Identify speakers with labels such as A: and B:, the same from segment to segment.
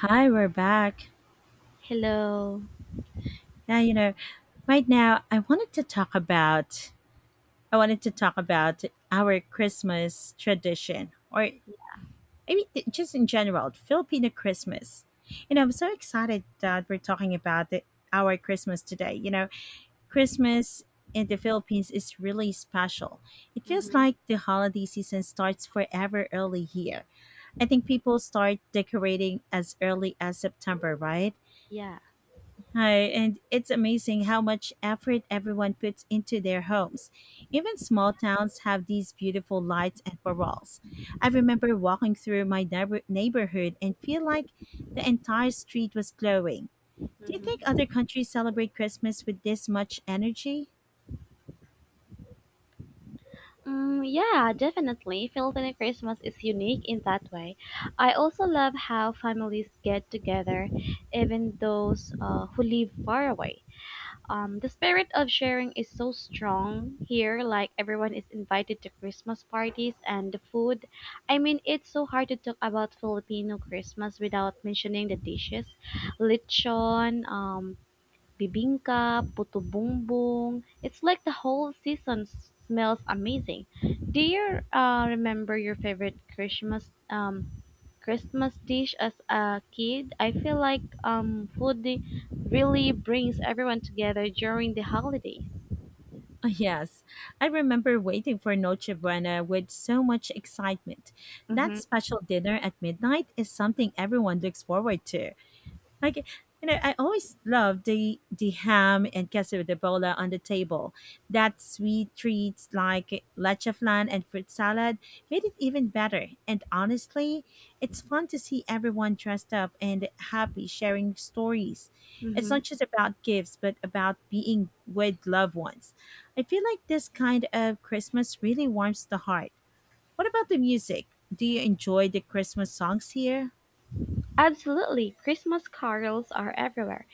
A: Hi, we're back.
B: Hello.
A: Yeah, right now I wanted to talk about I wanted to talk about our Christmas tradition, or I mean just in general, Filipino Christmas. I'm so excited that we're talking about our Christmas today. Christmas in the Philippines is really special. It feels like the holiday season starts forever early here. I think people start decorating as early as September, right?
B: Yeah.
A: Hi, and it's amazing how much effort everyone puts into their homes. Even small towns have these beautiful lights and murals. I remember walking through my neighborhood and feel like the entire street was glowing. Do you think
B: Mhm.
A: other countries celebrate Christmas with this much energy?
B: Yeah, definitely. Filipino Christmas is unique in that way. I also love how families get together, even those who live far away. The spirit of sharing is so strong here, like everyone is invited to Christmas parties and the food. I mean, it's so hard to talk about Filipino Christmas without mentioning the dishes. Lechon, bibingka, puto bongbong. It's like the whole smells amazing. Do you remember your favorite Christmas dish as a kid? I feel like food really brings everyone together during the holidays.
A: Oh, yes, I remember waiting for Noche Buena with so much excitement. That
B: Mhm.
A: special dinner at midnight is something everyone looks forward to. Like, I always love the ham and queso de bola on the table. That sweet treats like leche flan and fruit salad made it even better. And honestly, it's fun to see everyone dressed up and happy sharing stories. It's
B: Mhm.
A: not just about gifts, but about being with loved ones. I feel like this kind of Christmas really warms the heart. What about the music? Do you enjoy the Christmas songs here?
B: Absolutely. Christmas carols are everywhere,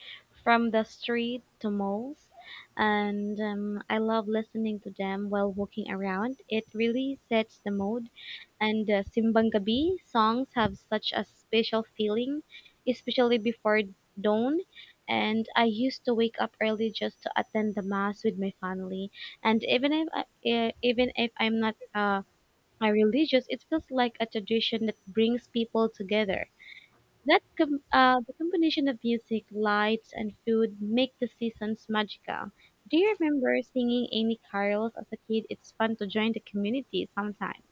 B: from the street to malls, and I love listening to them while walking around. It really sets the mood, and Simbang Gabi songs have such a special feeling, especially before dawn. And I used to wake up early just to attend the mass with my family. And even if I'm not a religious, it feels like a tradition that brings people together. The combination of music, lights, and food make the seasons magical. Do you remember singing any carols as a kid? It's fun to join the community sometimes.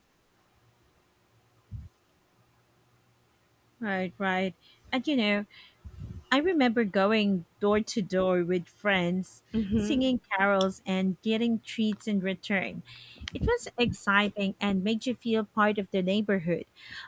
A: Right, right. And I remember going door to door with friends,
B: Mm-hmm.
A: singing carols, and getting treats in return. It was exciting and made you feel part of the neighborhood.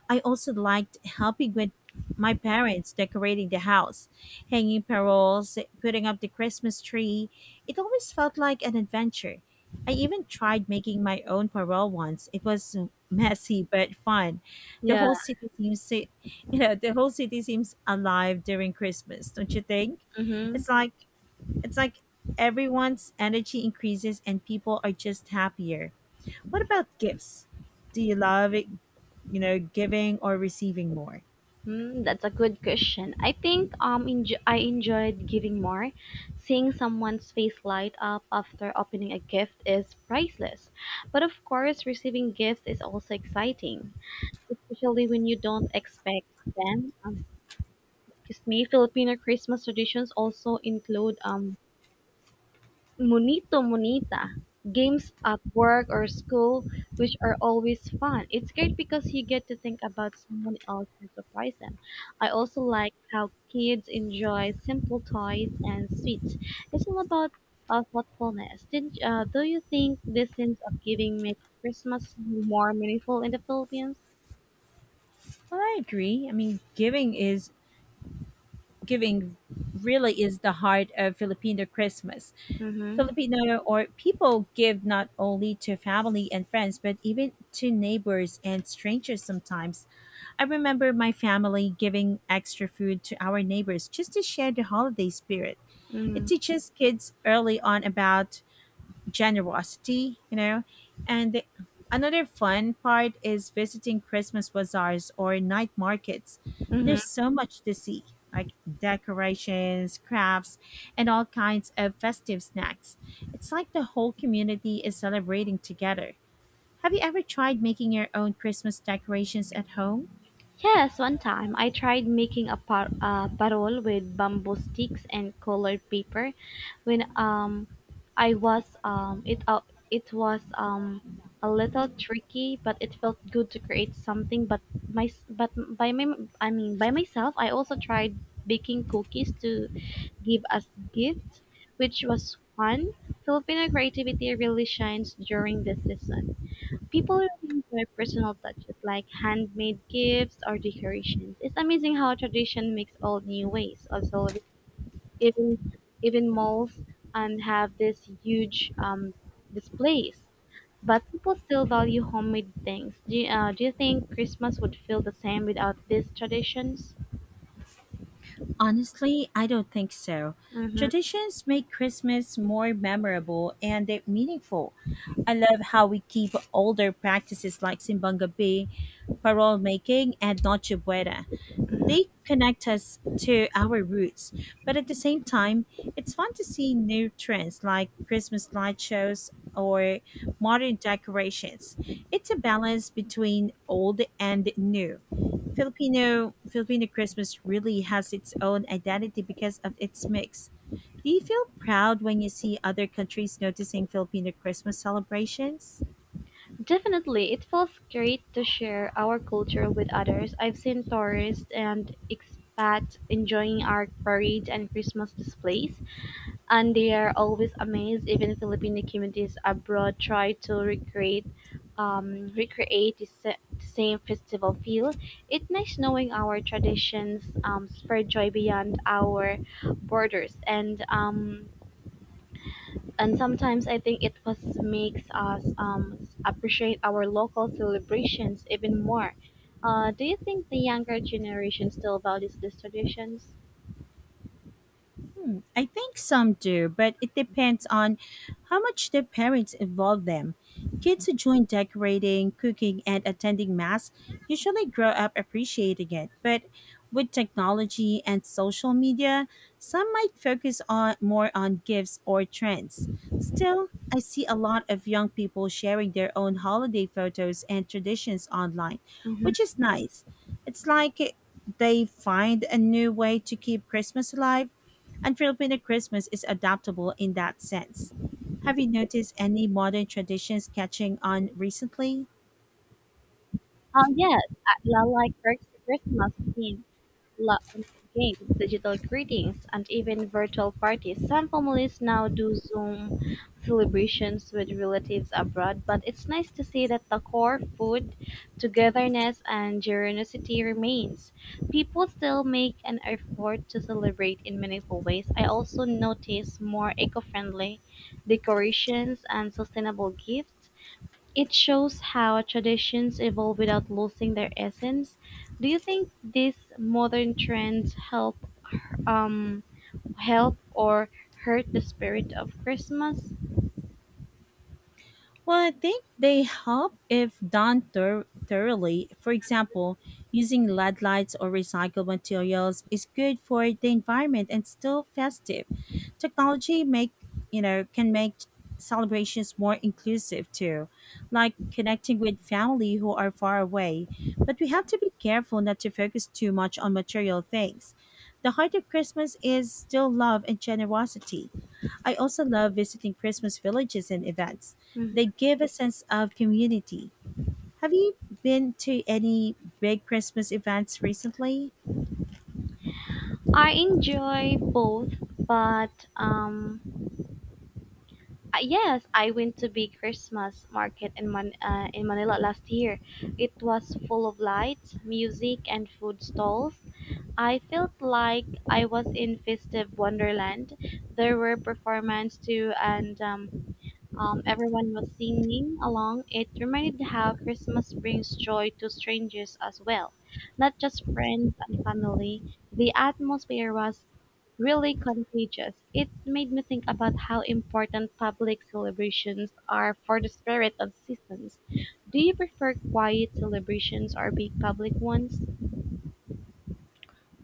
A: I also liked helping with my parents decorating the house, hanging paroles, putting up the Christmas tree. It always felt like an adventure. I even tried making my own parole once. It was messy but fun. The
B: Yeah,
A: whole city seems so the whole city seems alive during Christmas, don't you think?
B: mm-hmm.
A: It's like it's like everyone's energy increases and people are just happier. What about gifts? Do you love it, giving or receiving more?
B: That's a good question. I think I enjoyed giving more. Seeing someone's face light up after opening a gift is priceless. But of course, receiving gifts is also exciting, especially when you don't expect them. May Filipino Christmas traditions also include "munito munita" games at work or school, which are always fun. It's great because you get to think about someone else and surprise them. I also like how kids enjoy simple toys and sweets. It's all about thoughtfulness. Do you think this sense of giving makes Christmas more meaningful in the Philippines?
A: Well, I agree. I mean, giving really is the heart of Filipino Christmas.
B: Mm-hmm.
A: Filipino or People give not only to family and friends, but even to neighbors and strangers sometimes. I remember my family giving extra food to our neighbors just to share the holiday spirit. It
B: Mm-hmm.
A: teaches kids early on about generosity, you know. And another fun part is visiting Christmas bazaars or night markets.
B: Mm-hmm.
A: There's so much to see, like decorations, crafts, and all kinds of festive snacks. It's like the whole community is celebrating together. Have you ever tried making your own Christmas decorations at home?
B: Yes, one time I tried making a parol with bamboo sticks and colored paper. When I was it up, it was a little tricky, but it felt good to create something. But my s- but by my I mean by myself, I also tried baking cookies to give as gifts, which was fun. Filipino creativity really shines during this season. People really enjoy personal touches like handmade gifts or decorations. It's amazing how tradition makes all new ways of celebrating. Even malls have this huge displays, but people still value homemade things. Do you think Christmas would feel the same without these traditions?
A: Honestly, I don't think so.
B: Mm-hmm.
A: Traditions make Christmas more memorable and they're meaningful. I love how we keep older practices like Simbang Gabi, parole making, and Noche Buena. They connect us to our roots, but at the same time, it's fun to see new trends like Christmas light shows or modern decorations. It's a balance between old and new. Filipino Christmas really has its own identity because of its mix. Do you feel proud when you see other countries noticing Filipino Christmas celebrations?
B: Definitely, it feels great to share our culture with others. I've seen tourists and expats enjoying our parades and Christmas displays, and they are always amazed. Even Filipino communities abroad try to recreate the same festival feel. It's nice knowing our traditions spread joy beyond our borders, and sometimes I think it was makes us appreciate our local celebrations even more. Do you think the younger generation still values these traditions?
A: Hmm, I think some do, but it depends on how much their parents involve them. Kids who join decorating, cooking, and attending mass usually grow up appreciating it, but with technology and social media, some might focus on more on gifts or trends. Still, I see a lot of young people sharing their own holiday photos and traditions online,
B: Hmm.
A: which is nice. It's like they find a new way to keep Christmas alive, and Filipino Christmas is adaptable in that sense. Have you noticed any modern traditions catching on recently?
B: Yes, I like Christmas theme. la- Games, digital greetings, and even virtual parties. Some families now do Zoom celebrations with relatives abroad, but it's nice to see that the core food, togetherness, and generosity remains. People still make an effort to celebrate in meaningful ways. I also notice more eco friendly decorations and sustainable gifts. It shows how traditions evolve without losing their essence. Do you think these modern trends um help or hurt the spirit of Christmas?
A: Well, I think they help if done thoroughly. For example, using LED lights or recycled materials is good for the environment and still festive. Technology make you know can make celebrations more inclusive too, like connecting with family who are far away. But we have to be careful not to focus too much on material things. The heart of Christmas is still love and generosity. I also love visiting Christmas villages and events.
B: Mm.
A: They give a sense of community. Have you been to any big Christmas events recently?
B: I enjoy both, but yes, I went to big Christmas market in in Manila last year. It was full of lights, music, and food stalls. I felt like I was in festive wonderland. There were performances too, and everyone was singing along. It reminded how Christmas brings joy to strangers as well, not just friends and family. The atmosphere was really contagious. It made me think about how important public celebrations are for the spirit of seasons. Do you prefer quiet celebrations or big public ones?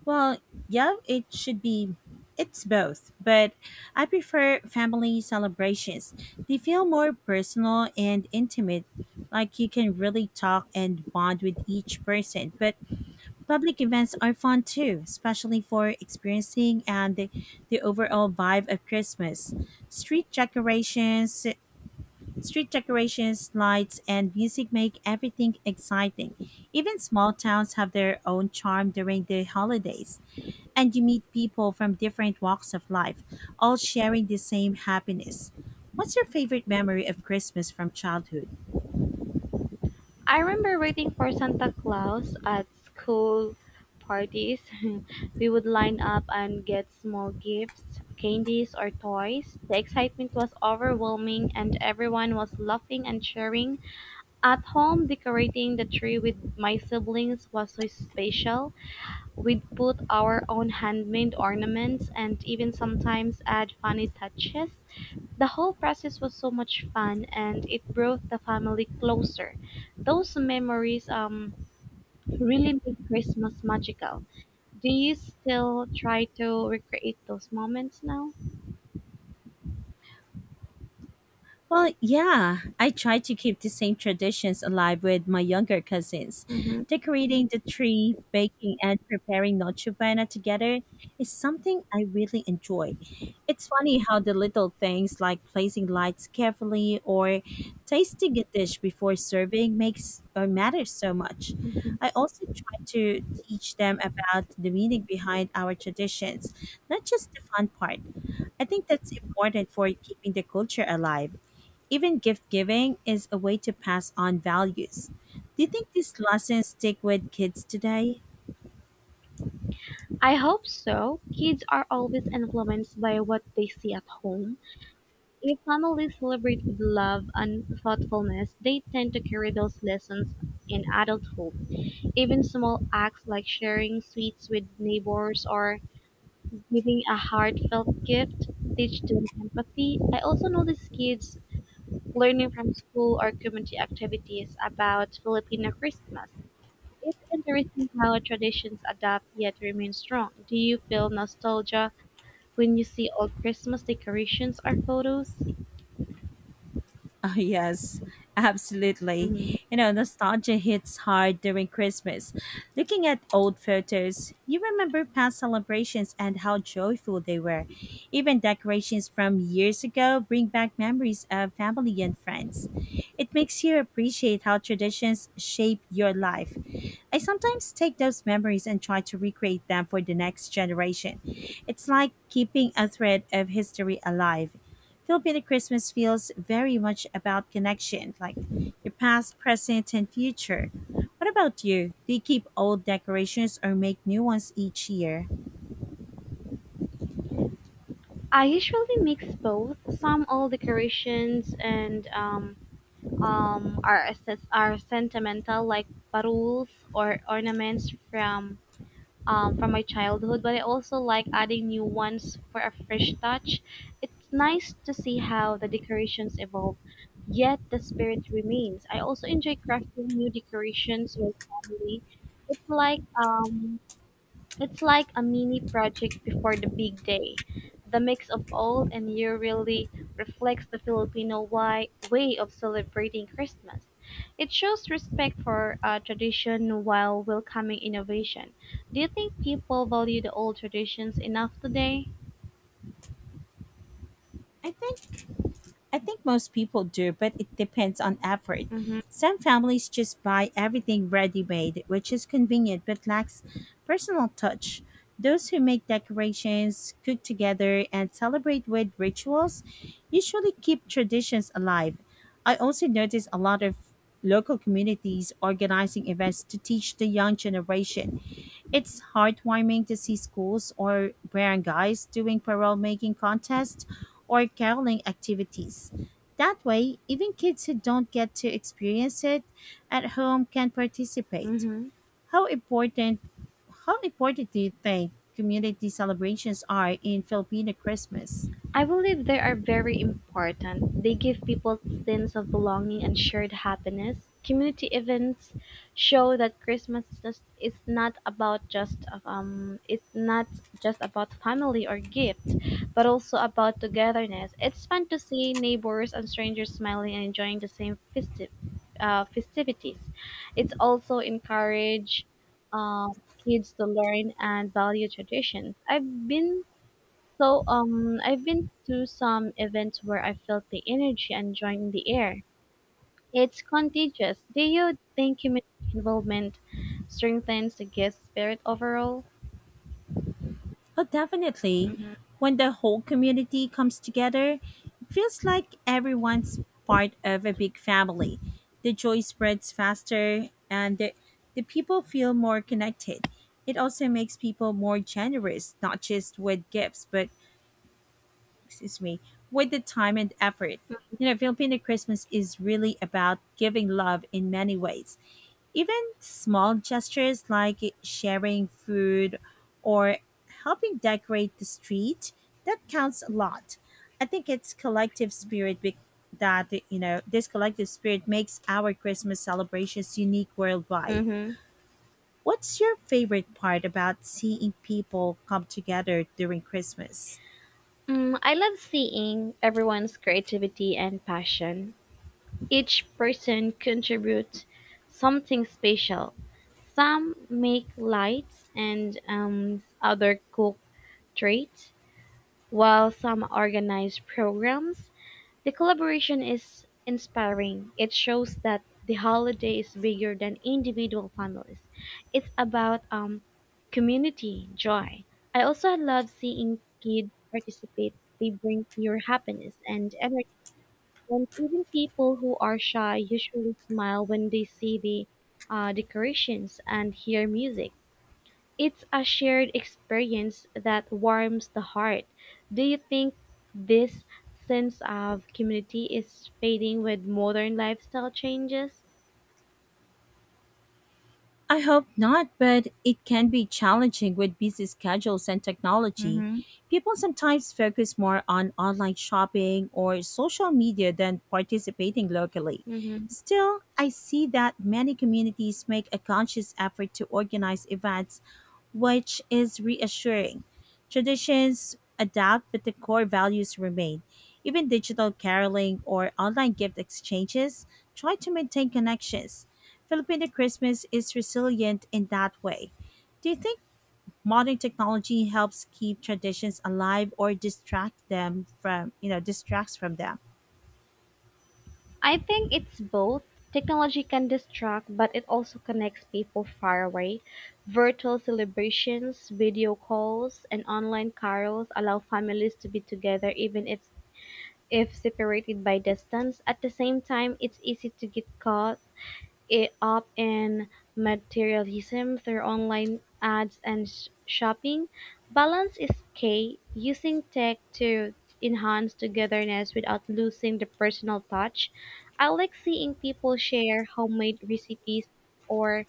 A: Well, yeah, it should be. It's both, but I prefer family celebrations. They feel more personal and intimate, like you can really talk and bond with each person. But public events are fun too, especially for experiencing and the overall vibe of Christmas. Street decorations, Street decorations, lights, and music make everything exciting. Even small towns have their own charm during the holidays, and you meet people from different walks of life, all sharing the same happiness. What's your favorite memory of Christmas from childhood?
B: I remember waiting for Santa Claus at school parties. We would line up and get small gifts, candies, or toys. The excitement was overwhelming, and everyone was laughing and cheering. At home, decorating the tree with my siblings was so special. We'd put our own handmade ornaments and even sometimes add funny touches. The whole process was so much fun and it brought the family closer. Those memories really make Christmas magical. Do you still try to recreate those moments now?
A: Well, yeah, I try to keep the same traditions alive with my younger cousins.
B: Hmm.
A: Decorating the tree, baking, and preparing Noche Buena together is something I really enjoy. It's funny how the little things like placing lights carefully or tasting a dish before serving makes or matters so much. I also try to teach them about the meaning behind our traditions, not just the fun part. I think that's important for keeping the culture alive. Even gift giving is a way to pass on values. Do you think these lessons stick with kids today?
B: I hope so. Kids are always influenced by what they see at home. If families celebrate with love and thoughtfulness, they tend to carry those lessons in adulthood. Even small acts like sharing sweets with neighbors or giving a heartfelt gift, teach them empathy. I also notice kids learning from school or community activities about Filipino Christmas. It's interesting how traditions adapt yet remain strong. Do you feel nostalgia when you see old Christmas decorations or photos?
A: Oh, yes, absolutely.
B: Hmm.
A: You know, nostalgia hits hard during Christmas. Looking at old photos, you remember past celebrations and how joyful they were. Even decorations from years ago bring back memories of family and friends. It makes you appreciate how traditions shape your life. I sometimes take those memories and try to recreate them for the next generation. It's like keeping a thread of history alive. Filipino Christmas feels very much about connection, like your past, present, and future. What about you? Do you keep old decorations or make new ones each year?
B: I usually mix both. Some old decorations and are sentimental, like barules or ornaments from my childhood, but I also like adding new ones for a fresh touch. It's nice to see how the decorations evolve, yet the spirit remains. I also enjoy crafting new decorations with family. It's like um, it's like a mini project before the big day. The mix of old and new really reflects the way of celebrating Christmas. It shows respect for tradition while welcoming innovation. Do you think people value the old traditions enough today?
A: I think I think most people do, but it depends on effort.
B: Mm-hmm.
A: Some families just buy everything ready made, which is convenient but lacks personal touch. Those who make decorations, cook together, and celebrate with rituals usually keep traditions alive. I also notice a lot of local communities organizing events to teach the young generation. It's heartwarming to see schools or barangays doing parole making contests or caroling activities. That way, even kids who don't get to experience it at home can participate.
B: Mm-hmm.
A: How important how important do you think community celebrations are in Filipino Christmas?
B: I believe they are very important. They give people sense of belonging and shared happiness. Community events show that is not about just it's not just about family or gifts, but also about togetherness. It's fun to see neighbors and strangers smiling and enjoying the same festive festivities. It's also encourage uh, kids to learn and value traditions. I've been to some events where I felt the energy and joy in the air. It's contagious. Do you think community involvement strengthens the guest spirit overall?
A: Oh, definitely. When the whole community comes together, it feels like everyone's part of a big family. The joy spreads faster, and the people feel more connected. It also makes people more generous, not just with gifts, but, excuse me, with the time and effort. You know, Filipino Christmas is really about giving love in many ways. Even small gestures like sharing food or helping decorate the street, that counts a lot. I think it's collective spirit be- that, you know, this collective spirit makes our Christmas celebrations unique worldwide.
B: Mm-hmm.
A: What's your favorite part about seeing people come together during Christmas?
B: Mm, I love seeing everyone's creativity and passion. Each person contributes something special. Some make lights and other cook treats, while some organize programs. The collaboration is inspiring, it shows that the holiday is bigger than individual families. It's about community joy. I also love seeing kids participate. They bring pure happiness and energy. And even people who are shy usually smile when they see the decorations and hear music. It's a shared experience that warms the heart. Do you think this sense of community is fading with modern lifestyle changes?
A: I hope not, but it can be challenging with busy schedules and technology.
B: Hmm.
A: People sometimes focus more on online shopping or social media than participating locally.
B: Mm-hmm.
A: Still, I see that many communities make a conscious effort to organize events, which is reassuring. Traditions adapt, but the core values remain. Even digital caroling or online gift exchanges try to maintain connections. Filipino Christmas is resilient in that way. Do you think modern technology helps keep traditions alive or distract them from, you know, distracts from them?
B: I think it's both. Technology can distract, but it also connects people far away. Virtual celebrations, video calls, and online carols allow families to be together even if separated by distance. At the same time, it's easy to get up in materialism through online ads and shopping. Balance is key, using tech to enhance togetherness without losing the personal touch. I like seeing people share homemade recipes or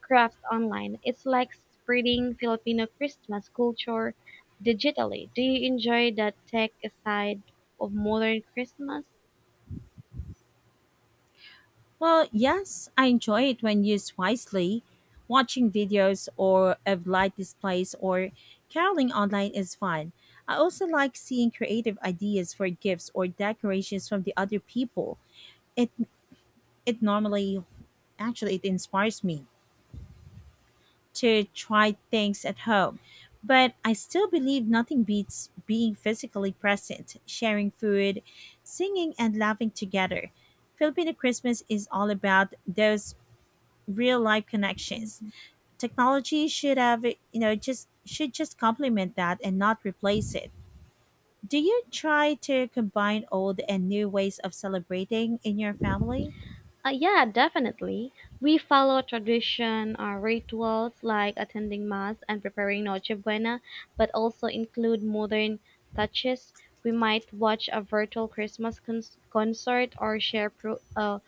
B: crafts online. It's like spreading Filipino Christmas culture digitally. Do you enjoy the tech side of modern Christmas?
A: Well, yes, I enjoy it when used wisely. Watching videos or of light displays or caroling online is fun. I also like seeing creative ideas for gifts or decorations from the other people. It it normally actually it inspires me to try things at home. But I still believe nothing beats being physically present, sharing food, singing, and laughing together. Filipino Christmas is all about those real life connections. Technology should have, you know, just should just complement that and not replace it. Do you try to combine old and new ways of celebrating in your family?
B: Yeah, definitely. We follow tradition or rituals like attending mass and preparing Noche Buena, but also include modern touches. We might watch a virtual concert or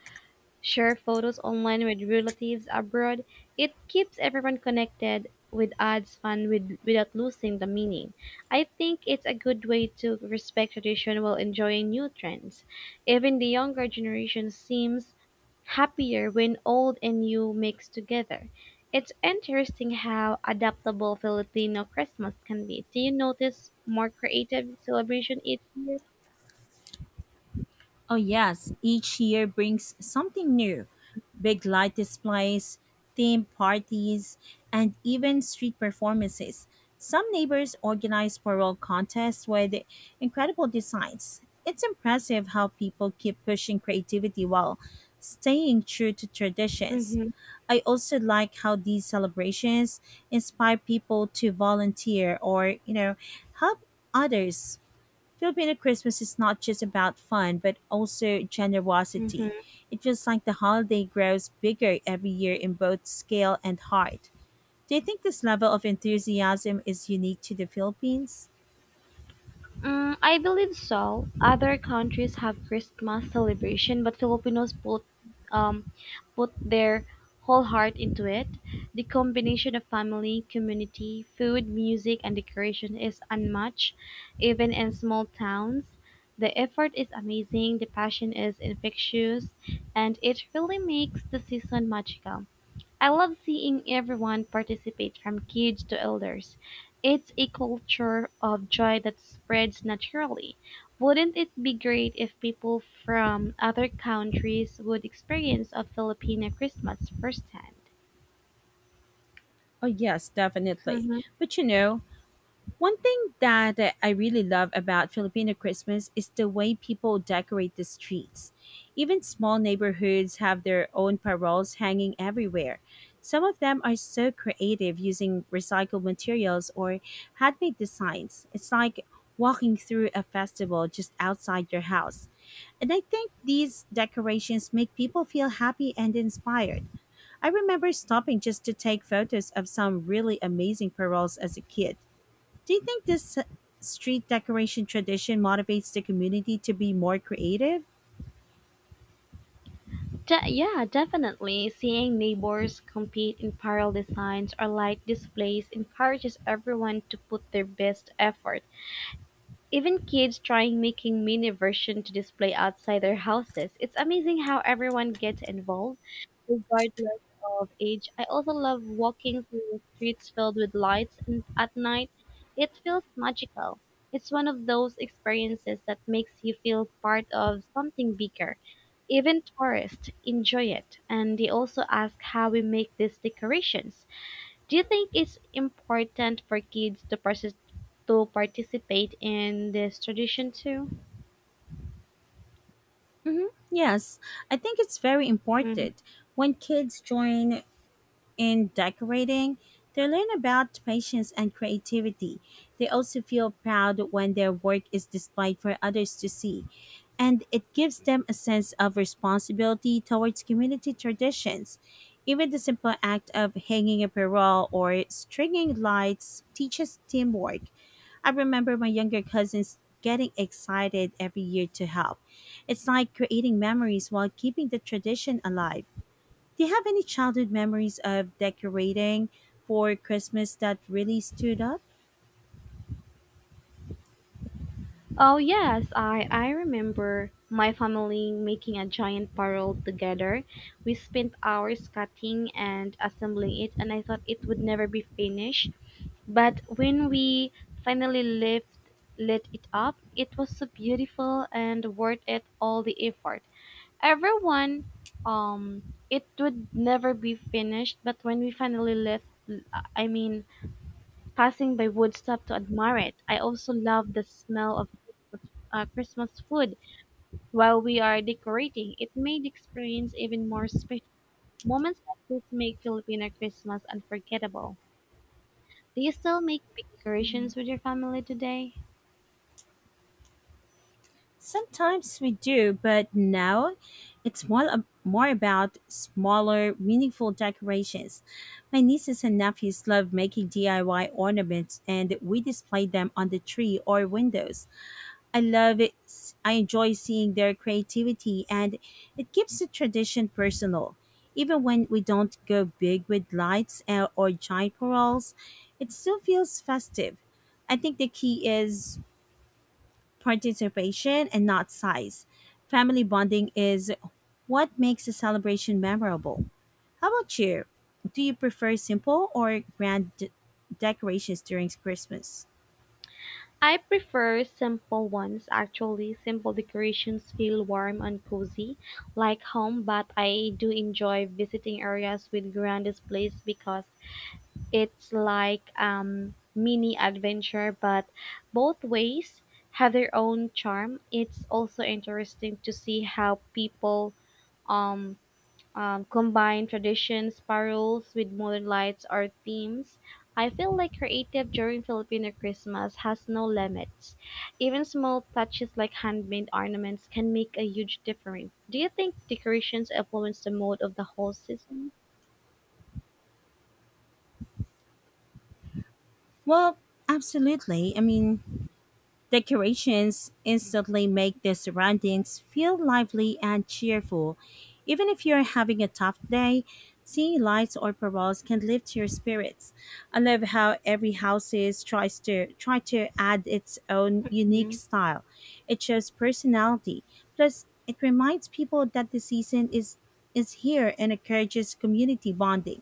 B: share photos online with relatives abroad. It keeps everyone connected with adds fun with, without losing the meaning. I think it's a good way to respect tradition while enjoying new trends. Even the younger generation seems happier when old and new mix together. It's interesting how adaptable Filipino Christmas can be. Do you notice more creative celebration each year?
A: Oh, yes, each year brings something new: big light displays, theme parties, and even street performances. Some neighbors organize floral contests with incredible designs. It's impressive how people keep pushing creativity while staying true to traditions.
B: Mm-hmm,
A: I also like how these celebrations inspire people to volunteer or help others. Filipino Christmas is not just about fun, but also
B: mm-hmm.
A: generosity. It feels like the holiday grows bigger every year in both scale and heart. Do you think this level of enthusiasm is unique to the Philippines?
B: Mm, I believe so. Other countries have Christmas celebration, but Filipinos um, put their whole heart into it. The combination of family, community, food, music, and decoration is unmatched, even in small towns. The effort is amazing, the passion is infectious, and it really makes the season magical. I love seeing everyone participate from kids to elders. It's a culture of joy that spreads naturally. Wouldn't it be great if people from other countries would experience a Filipino Christmas firsthand?
A: Oh, yes, definitely.
B: Hmm.
A: But one thing that I really love about Filipino Christmas is the way people decorate the streets. Even small neighborhoods have their own paroles hanging everywhere. Some of them are so creative, using recycled materials or handmade designs. It's like walking through a festival just outside your house. And I think these decorations make people feel happy and inspired. I remember stopping just to take photos of some really amazing paroles as a kid. Do you think this street decoration tradition motivates the community to be more creative?
B: Yeah, definitely. Seeing neighbors compete in parallel designs or light displays encourages everyone to put their best effort. Even kids trying making mini version to display outside their houses. It's amazing how everyone gets involved, regardless of age. I also love walking through the streets filled with lights and at night. It feels magical. It's one of those experiences that makes you feel part of something bigger. Even tourists enjoy it, and they also ask how we make these decorations. Do you think it's important for kids to to participate in this tradition too?
A: Yes, I think it's very
B: Mhm.
A: important. When kids join in decorating, they learn about patience and creativity. They also feel proud when their work is displayed for others to see, and it gives them a sense of responsibility towards community traditions. Even the simple act of hanging a parole or stringing lights teaches teamwork. I remember my younger cousins getting excited every year to help. It's like creating memories while keeping the tradition alive. Do you have any childhood memories of decorating for Christmas that really stood up?
B: Oh yes, I remember my family making a giant barrel together. We spent hours cutting and assembling it, and I thought it would never be finished. But when we finally lift, lit it up, it was so beautiful and worth it all the effort. Everyone um it would never be finished but when we finally left, I mean passing by woodstock to admire it. I also love the smell of Christmas food while we are decorating. It made the experience even more special. Moments like this make Filipino Christmas unforgettable. Do you still make big decorations with your family today?
A: Sometimes we do, but now it's more about smaller, meaningful decorations. My nieces and nephews love making DIY ornaments, and we display them on the tree or windows. I love it. I enjoy seeing their creativity, and it keeps the tradition personal. Even when we don't go big with lights or giant paroles, it still feels festive. I think the key is participation and not size. Family bonding is what makes a celebration memorable. How about you? Do you prefer simple or decorations during Christmas?
B: I prefer simple ones actually. Simple decorations feel warm and cozy, like home, but I do enjoy visiting areas with grand displays because it's like mini adventure, but both ways have their own charm. It's also interesting to see how people um combine tradition spirals with modern lights or themes. I feel like creative during Filipino Christmas has no limits. Even small touches like handmade ornaments can make a huge difference. Do you think decorations influence the mood of the whole season?
A: Well, absolutely. I mean, decorations instantly make the surroundings feel lively and cheerful. Even if you're having a tough day, seeing lights or paroles can lift your spirits. I love how every house is tries to try to add its own unique
B: Mhm.
A: style. It shows personality. Plus, it reminds people that the season is here and encourages community bonding.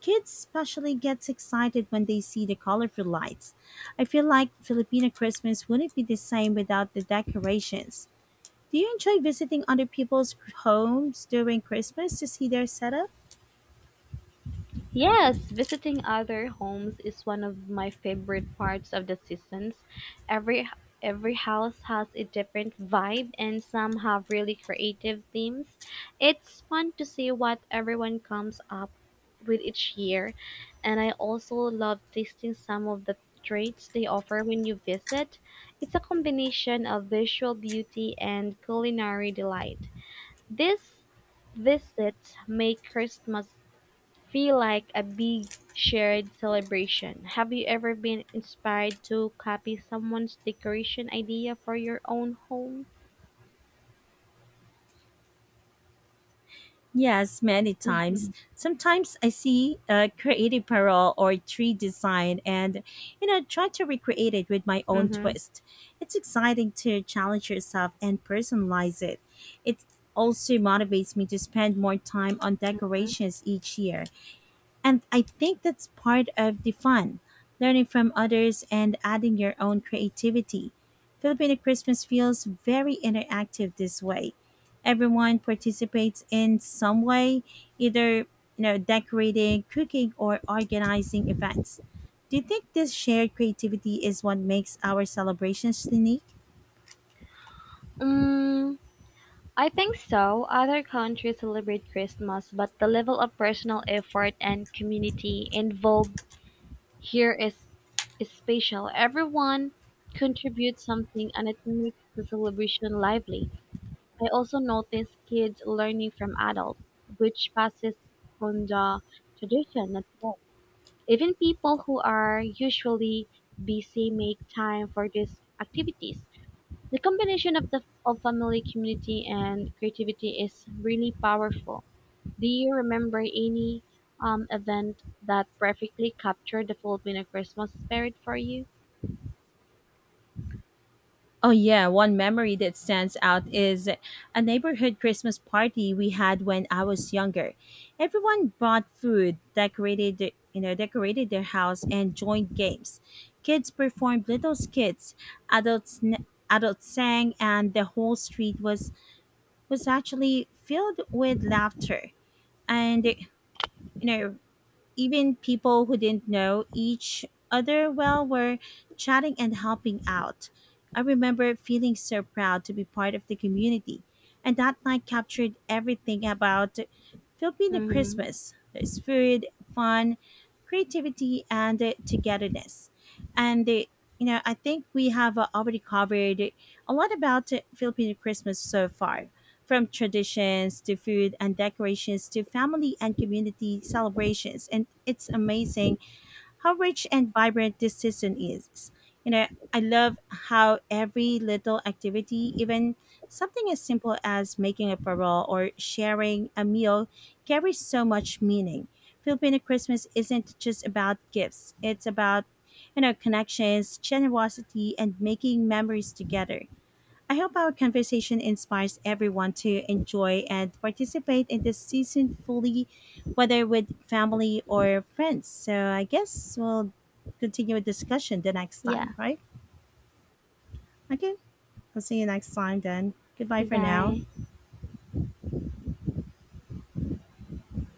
A: Kids especially gets excited when they see the colorful lights. I feel like Filipino Christmas wouldn't be the same without the decorations. Do you enjoy visiting other people's homes during Christmas to see their setup?
B: Yes, visiting other homes is one of my favorite parts of the seasons. Every every house has a different vibe and some have really creative themes. It's fun to see what everyone comes up with each year, and I also love tasting some of the treats they offer when you visit. It's a combination of visual beauty and culinary delight. This visits make Christmas feel like a big shared celebration. Have you ever been inspired to copy someone's decoration idea for your own home?
A: Yes, many times. Sometimes I see a creative parole or tree design and try to recreate it with my own
B: Mm-hmm.
A: twist. It's exciting to challenge yourself and personalize it. It also motivates me to spend more time on decorations each year. And I think that's part of the fun, learning from others and adding your own creativity. Filipino Christmas feels very interactive this way. Everyone participates in some way, either decorating, cooking, or organizing events. Do you think this shared creativity is what makes our celebrations unique?
B: Mm, I think so. Other countries celebrate Christmas, but the level of personal effort and community involved here is, is special. Everyone contributes something and it makes the celebration lively. I also notice kids learning from adults, which passes on the tradition as well. Even people who are usually busy make time for these activities. The combination of the of family, community, and creativity is really powerful. Do you remember any event that perfectly captured the Filipino Christmas spirit for you?
A: Oh yeah, one memory that stands out is a neighborhood Christmas party we had when I was younger. Everyone brought food, decorated their house and joined games. Kids performed little skits, adults n- adults sang, and the whole street was actually filled with laughter. And you know, even people who didn't know each other well were chatting and helping out. I remember feeling so proud to be part of the community, and that night captured everything about Filipino
B: Hmm.
A: Christmas. There's food, fun, creativity, and togetherness. And uh, I think we have already covered a lot about Filipino Christmas so far. From traditions to food and decorations to family and community celebrations. And it's amazing how rich and vibrant this season is. You know, I love how every little activity, even something as simple as making a parole or sharing a meal, carries so much meaning. Filipino Christmas isn't just about gifts, it's about connections, generosity, and making memories together. I hope our conversation inspires everyone to enjoy and participate in this season fully, whether with family or friends. So I guess we'll continue a discussion the next
B: Yeah.
A: time, right? Okay, I'll see you next time then. Goodbye for now.
B: Goodbye.